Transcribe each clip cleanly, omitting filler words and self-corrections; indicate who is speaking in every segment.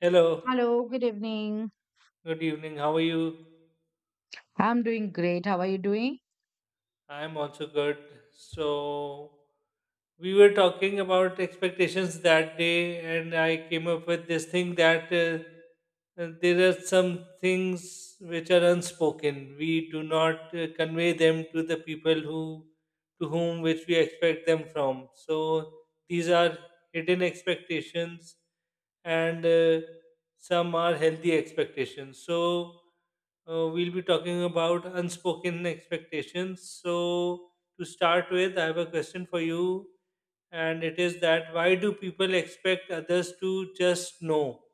Speaker 1: Hello,
Speaker 2: Hello, good evening.
Speaker 1: good evening. How are you?
Speaker 2: I'm doing great. How are you doing?
Speaker 1: I'm also good. So, we were talking about expectations that day, and I came up with this thing that there are some things which are unspoken. We do not convey them to the people who to whom which we expect them from. So, these are hidden expectations, and some are healthy expectations. So, we'll be talking about unspoken expectations. So, to start with, I have a question for you, and it is that why do people expect others to just know?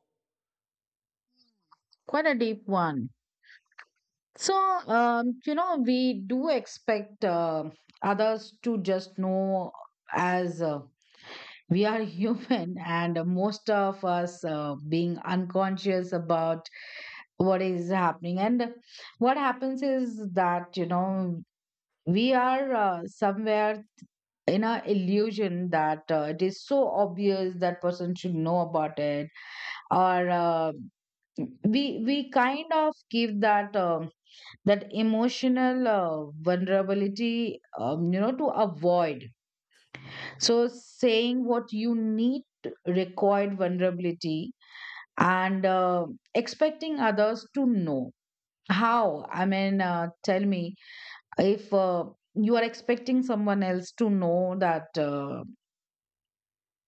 Speaker 2: Quite a deep one. So we do expect others to just know as we are human, and most of us being unconscious about what is happening. And what happens is that, you know, we are somewhere in a illusion that it is so obvious that person should know about it or we we kind of give that that emotional vulnerability, to avoid so saying what you need required vulnerability, and expecting others to know. How I mean Tell me, if you are expecting someone else to know that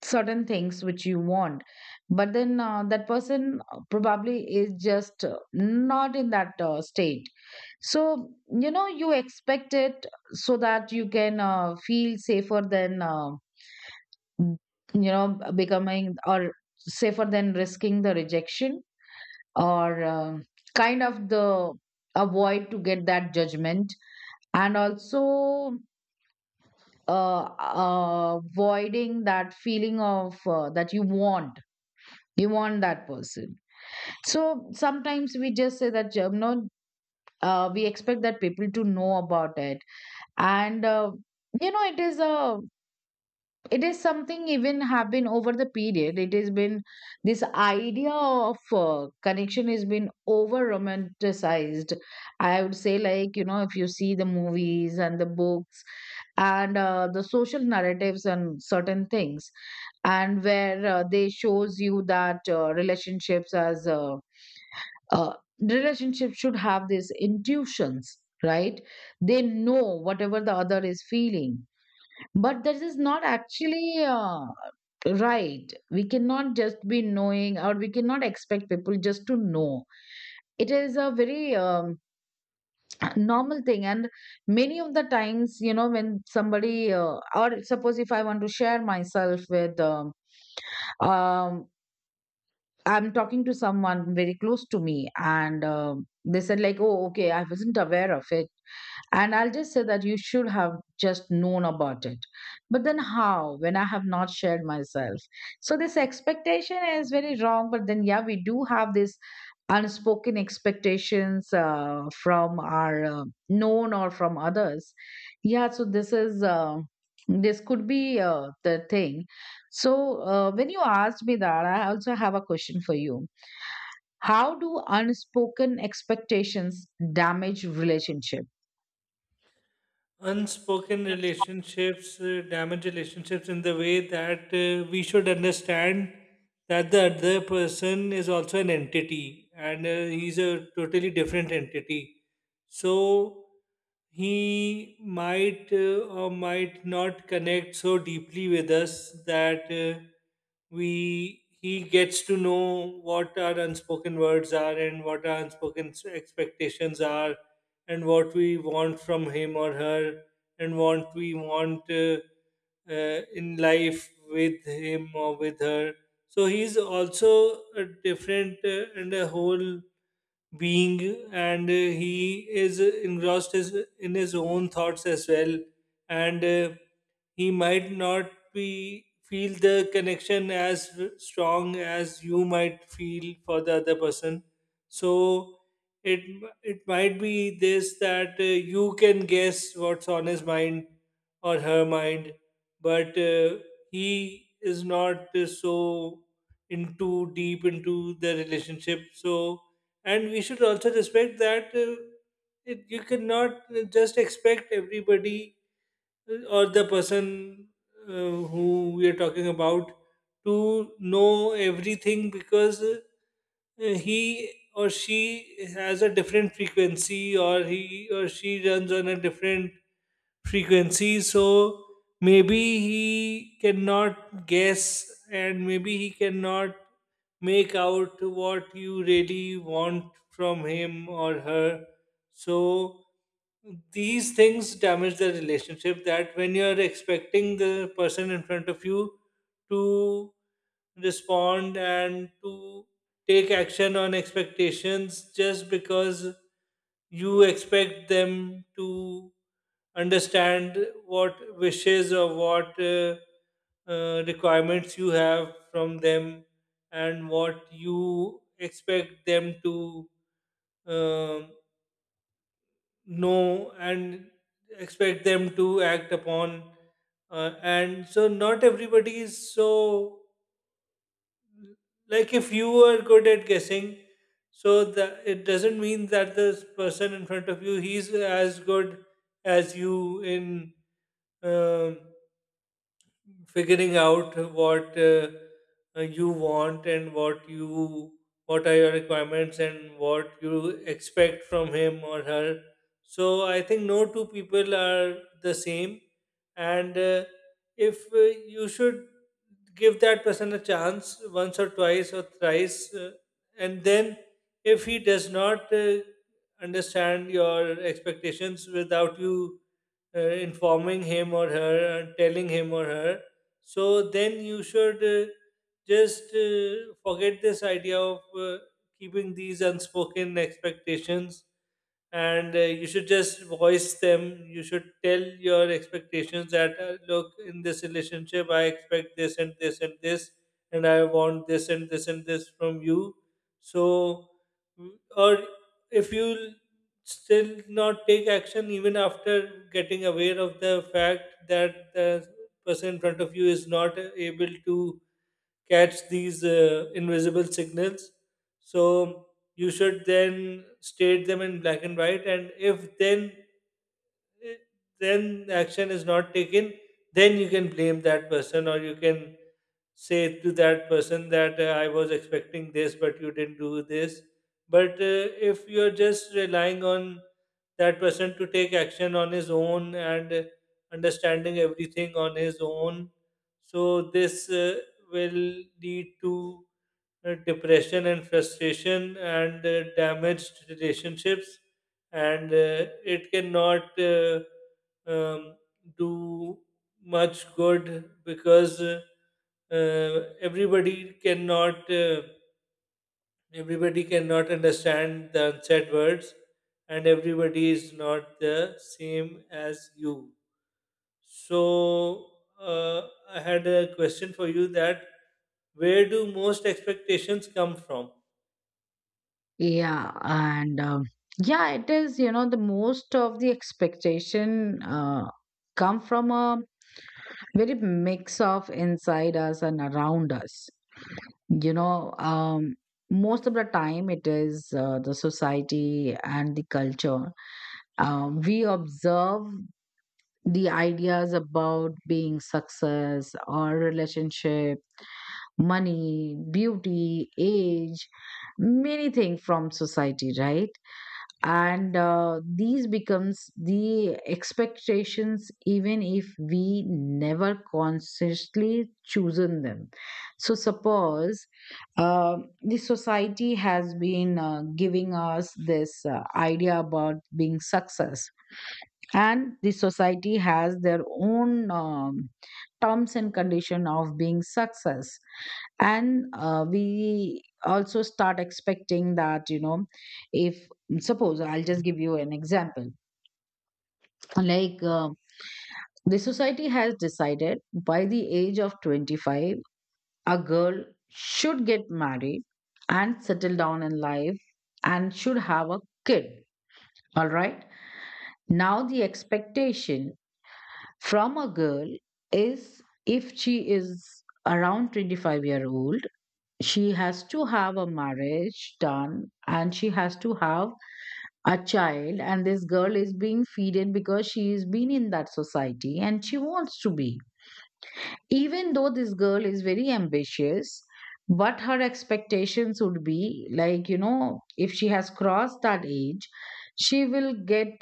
Speaker 2: certain things which you want, but then that person probably is just not in that state. So you know you expect it so that you can feel safer than becoming, or safer than risking the rejection, or kind of the avoid to get that judgment. And also, uh, avoiding that feeling of that you want, you want that person. So sometimes we just say that, you know, we expect that people to know about it. And it is a, it is something. Even have been over the period, it has been this idea of connection has been over romanticized, I would say. Like, you know, if you see the movies and the books, and the social narratives and certain things, and where they shows you that uh, relationships should have these intuitions, right? They know whatever the other is feeling. But this is not actually right. We cannot just be knowing, or we cannot expect people just to know. It is a very normal thing. And many of the times, you know, when somebody, or suppose if I want to share myself with, um, I'm talking to someone very close to me, and they said, like, oh, okay, I wasn't aware of it. And I'll just say that you should have just known about it. But then how, when I have not shared myself? So this expectation is very wrong. But then, yeah, we do have this unspoken expectations from our known or from others. Yeah, so this is. This could be the thing. So, when you asked me that, I also have a question for you. How do unspoken expectations damage relationship?
Speaker 1: Unspoken relationships damage relationships in the way that we should understand that the other person is also an entity, and he's a totally different entity. So he might or might not connect so deeply with us that we he gets to know what our unspoken words are and what our unspoken expectations are, and what we want from him or her, and what we want in life with him or with her. So he's also a different and a whole being, and he is engrossed in his own thoughts as well, and he might not be feel the connection as strong as you might feel for the other person. So it it might be this that you can guess what's on his mind or her mind, but he is not so into deep into the relationship. So, and we should also respect that you cannot just expect everybody or the person who we are talking about to know everything, because he or she has a different frequency, or he or she runs on a different frequency. So maybe he cannot guess, and maybe he cannot make out what you really want from him or her. So these things damage the relationship, that when you're expecting the person in front of you to respond and to take action on expectations just because you expect them to understand what wishes or what requirements you have from them, and what you expect them to um, know and expect them to act upon. And so not everybody is so, like, if you are good at guessing, so that it doesn't mean that this person in front of you he's as good as you in um figuring out what you want, and what you what are your requirements, and what you expect from him or her. So I think no two people are the same, and if you should give that person a chance once or twice or thrice, and then if he does not understand your expectations without you informing him or her, and telling him or her, so then you should just forget this idea of keeping these unspoken expectations, and you should just voice them. You should tell your expectations that look, in this relationship I expect this and this and this, and I want this and this and this from you. So, mm, or if you still not take action even after getting aware of the fact that the person in front of you is not able to catch these invisible signals. So you should then state them in black and white, and if then eh, then action is not taken, then you can blame that person, or you can say to that person that I was expecting this, but you didn't do this. But if you're just relying on that person to take action on his own and understanding everything on his own, so this will lead to depression and frustration and damaged relationships, and it cannot um, do much good, because uh, everybody cannot uh, everybody cannot understand the unsaid words, and everybody is not the same as you. So, uh, I had a question for you: that where do most expectations come from?
Speaker 2: Yeah, and um, yeah, it is, you know, the most of the expectation come from a very mix of inside us and around us. You know, most of the time it is the society and the culture. We observe the ideas about being success or relationship, money, beauty, age, many things from society, right? And these becomes the expectations even if we never consciously chosen them. So suppose uh, the society has been giving us this idea about being success, and the society has their own terms and condition of being success. And we also start expecting that, you know, if, suppose I'll just give you an example. Like the society has decided by the age of 25 a girl should get married and settle down in life and should have a kid, all right? Now the expectation from a girl is, if she is around 25-year-old year old, she has to have a marriage done and she has to have a child. And this girl is being feeded because she has been in that society and she wants to be, even though this girl is very ambitious. But her expectations would be like, you know, if she has crossed that age, she will get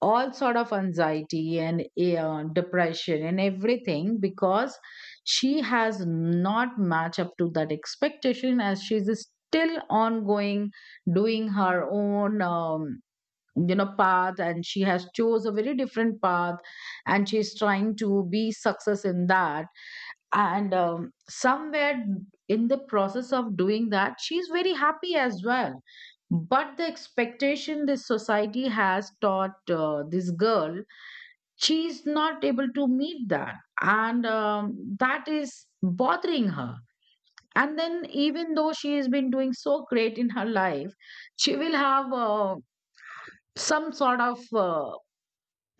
Speaker 2: all sort of anxiety and depression and everything, because she has not matched up to that expectation, as she's still ongoing, doing her own you know, path, and she has chose a very different path and she's trying to be success in that. And somewhere in the process of doing that, she's very happy as well, but the expectation this society has taught this girl, she's not able to meet that. And that is bothering her. And then, even though she has been doing so great in her life, she will have some sort of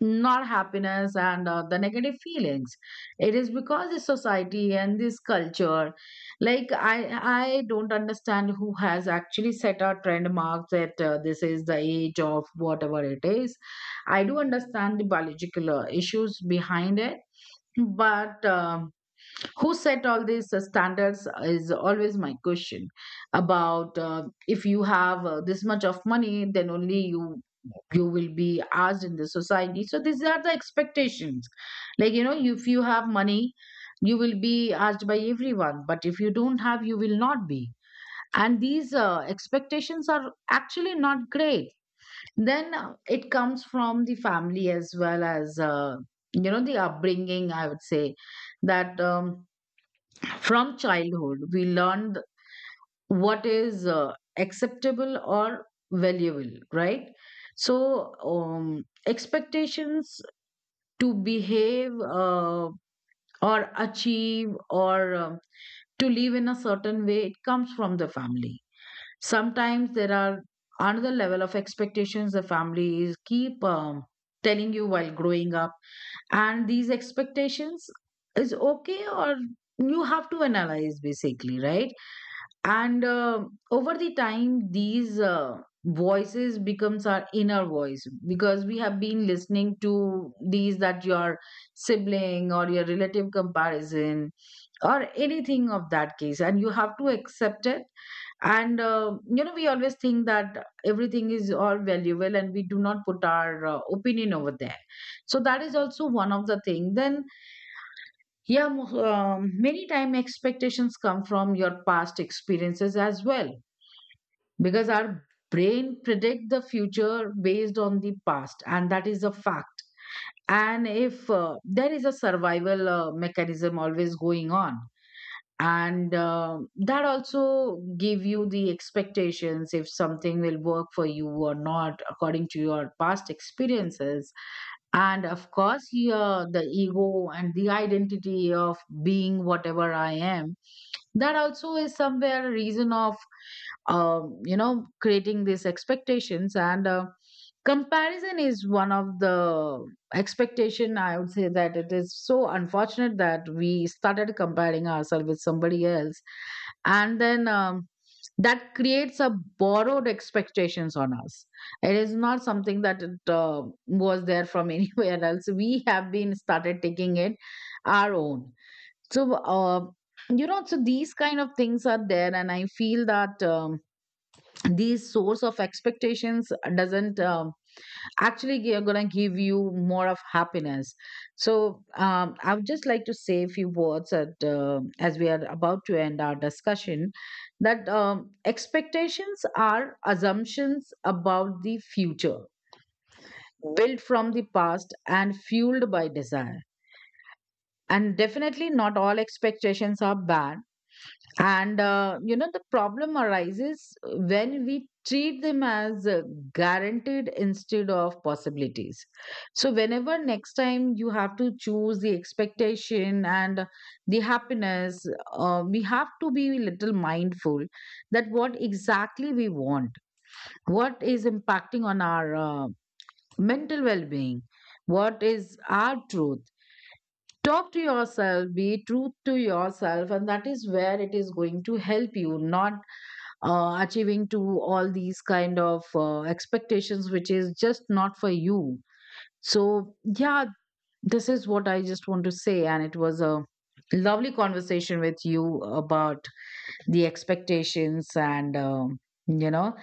Speaker 2: not happiness and the negative feelings. It is because this society and this culture, like I don't understand who has actually set a trend mark that this is the age of whatever it is. I do understand the biological issues behind it, but who set all these standards is always my question. About if you have this much of money, then only you will be asked in the society. So these are the expectations. Like, you know, if you have money, you will be asked by everyone, but if you don't have, you will not be. And these expectations are actually not great. Then it comes from the family as well as, you know, the upbringing, I would say. That from childhood, we learn what is acceptable or valuable, right? So, expectations to behave uh, or achieve or to live in a certain way, it comes from the family. Sometimes there are another level of expectations the family is keep telling you while growing up, and these expectations is okay, or you have to analyze basically, right? And over the time, these voices becomes our inner voice, because we have been listening to these, that your sibling or your relative comparison or anything of that case, and you have to accept it. And you know, we always think that everything is all valuable and we do not put our opinion over there. So that is also one of the thing. Then yeah, many time expectations come from your past experiences as well, because our brain predict the future based on the past, and that is a fact. And if there is a survival mechanism always going on, and that also give you the expectations if something will work for you or not, according to your past experiences. And of course, here the ego and the identity of being whatever I am, that also is somewhere a reason of you know, creating these expectations. And comparison is one of the expectation, I would say. That it is so unfortunate that we started comparing ourselves with somebody else, and then that creates a borrowed expectations on us. It is not something that it was there from anywhere else. We have been started taking it our own. So you know, so these kind of things are there, and I feel that these source of expectations doesn't actually gonna give you more of happiness. So I would just like to say a few words as we are about to end our discussion. That expectations are assumptions about the future, built from the past and fueled by desire, and definitely not all expectations are bad. And you know, the problem arises when we treat them as guaranteed instead of possibilities. So whenever next time you have to choose the expectation and the happiness, we have to be a little mindful that what exactly we want, what is impacting on our mental well being, what is our truth. Talk to yourself, be true to yourself, and that is where it is going to help you, not achieving to all these kind of expectations which is just not for you. So yeah, this is what I just want to say, and it was a lovely conversation with you about the expectations, and you know,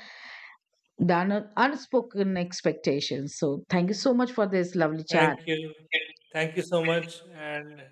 Speaker 2: the unspoken expectations. So thank you so much for this lovely
Speaker 1: Thank
Speaker 2: chat.
Speaker 1: you. Thank you so much. And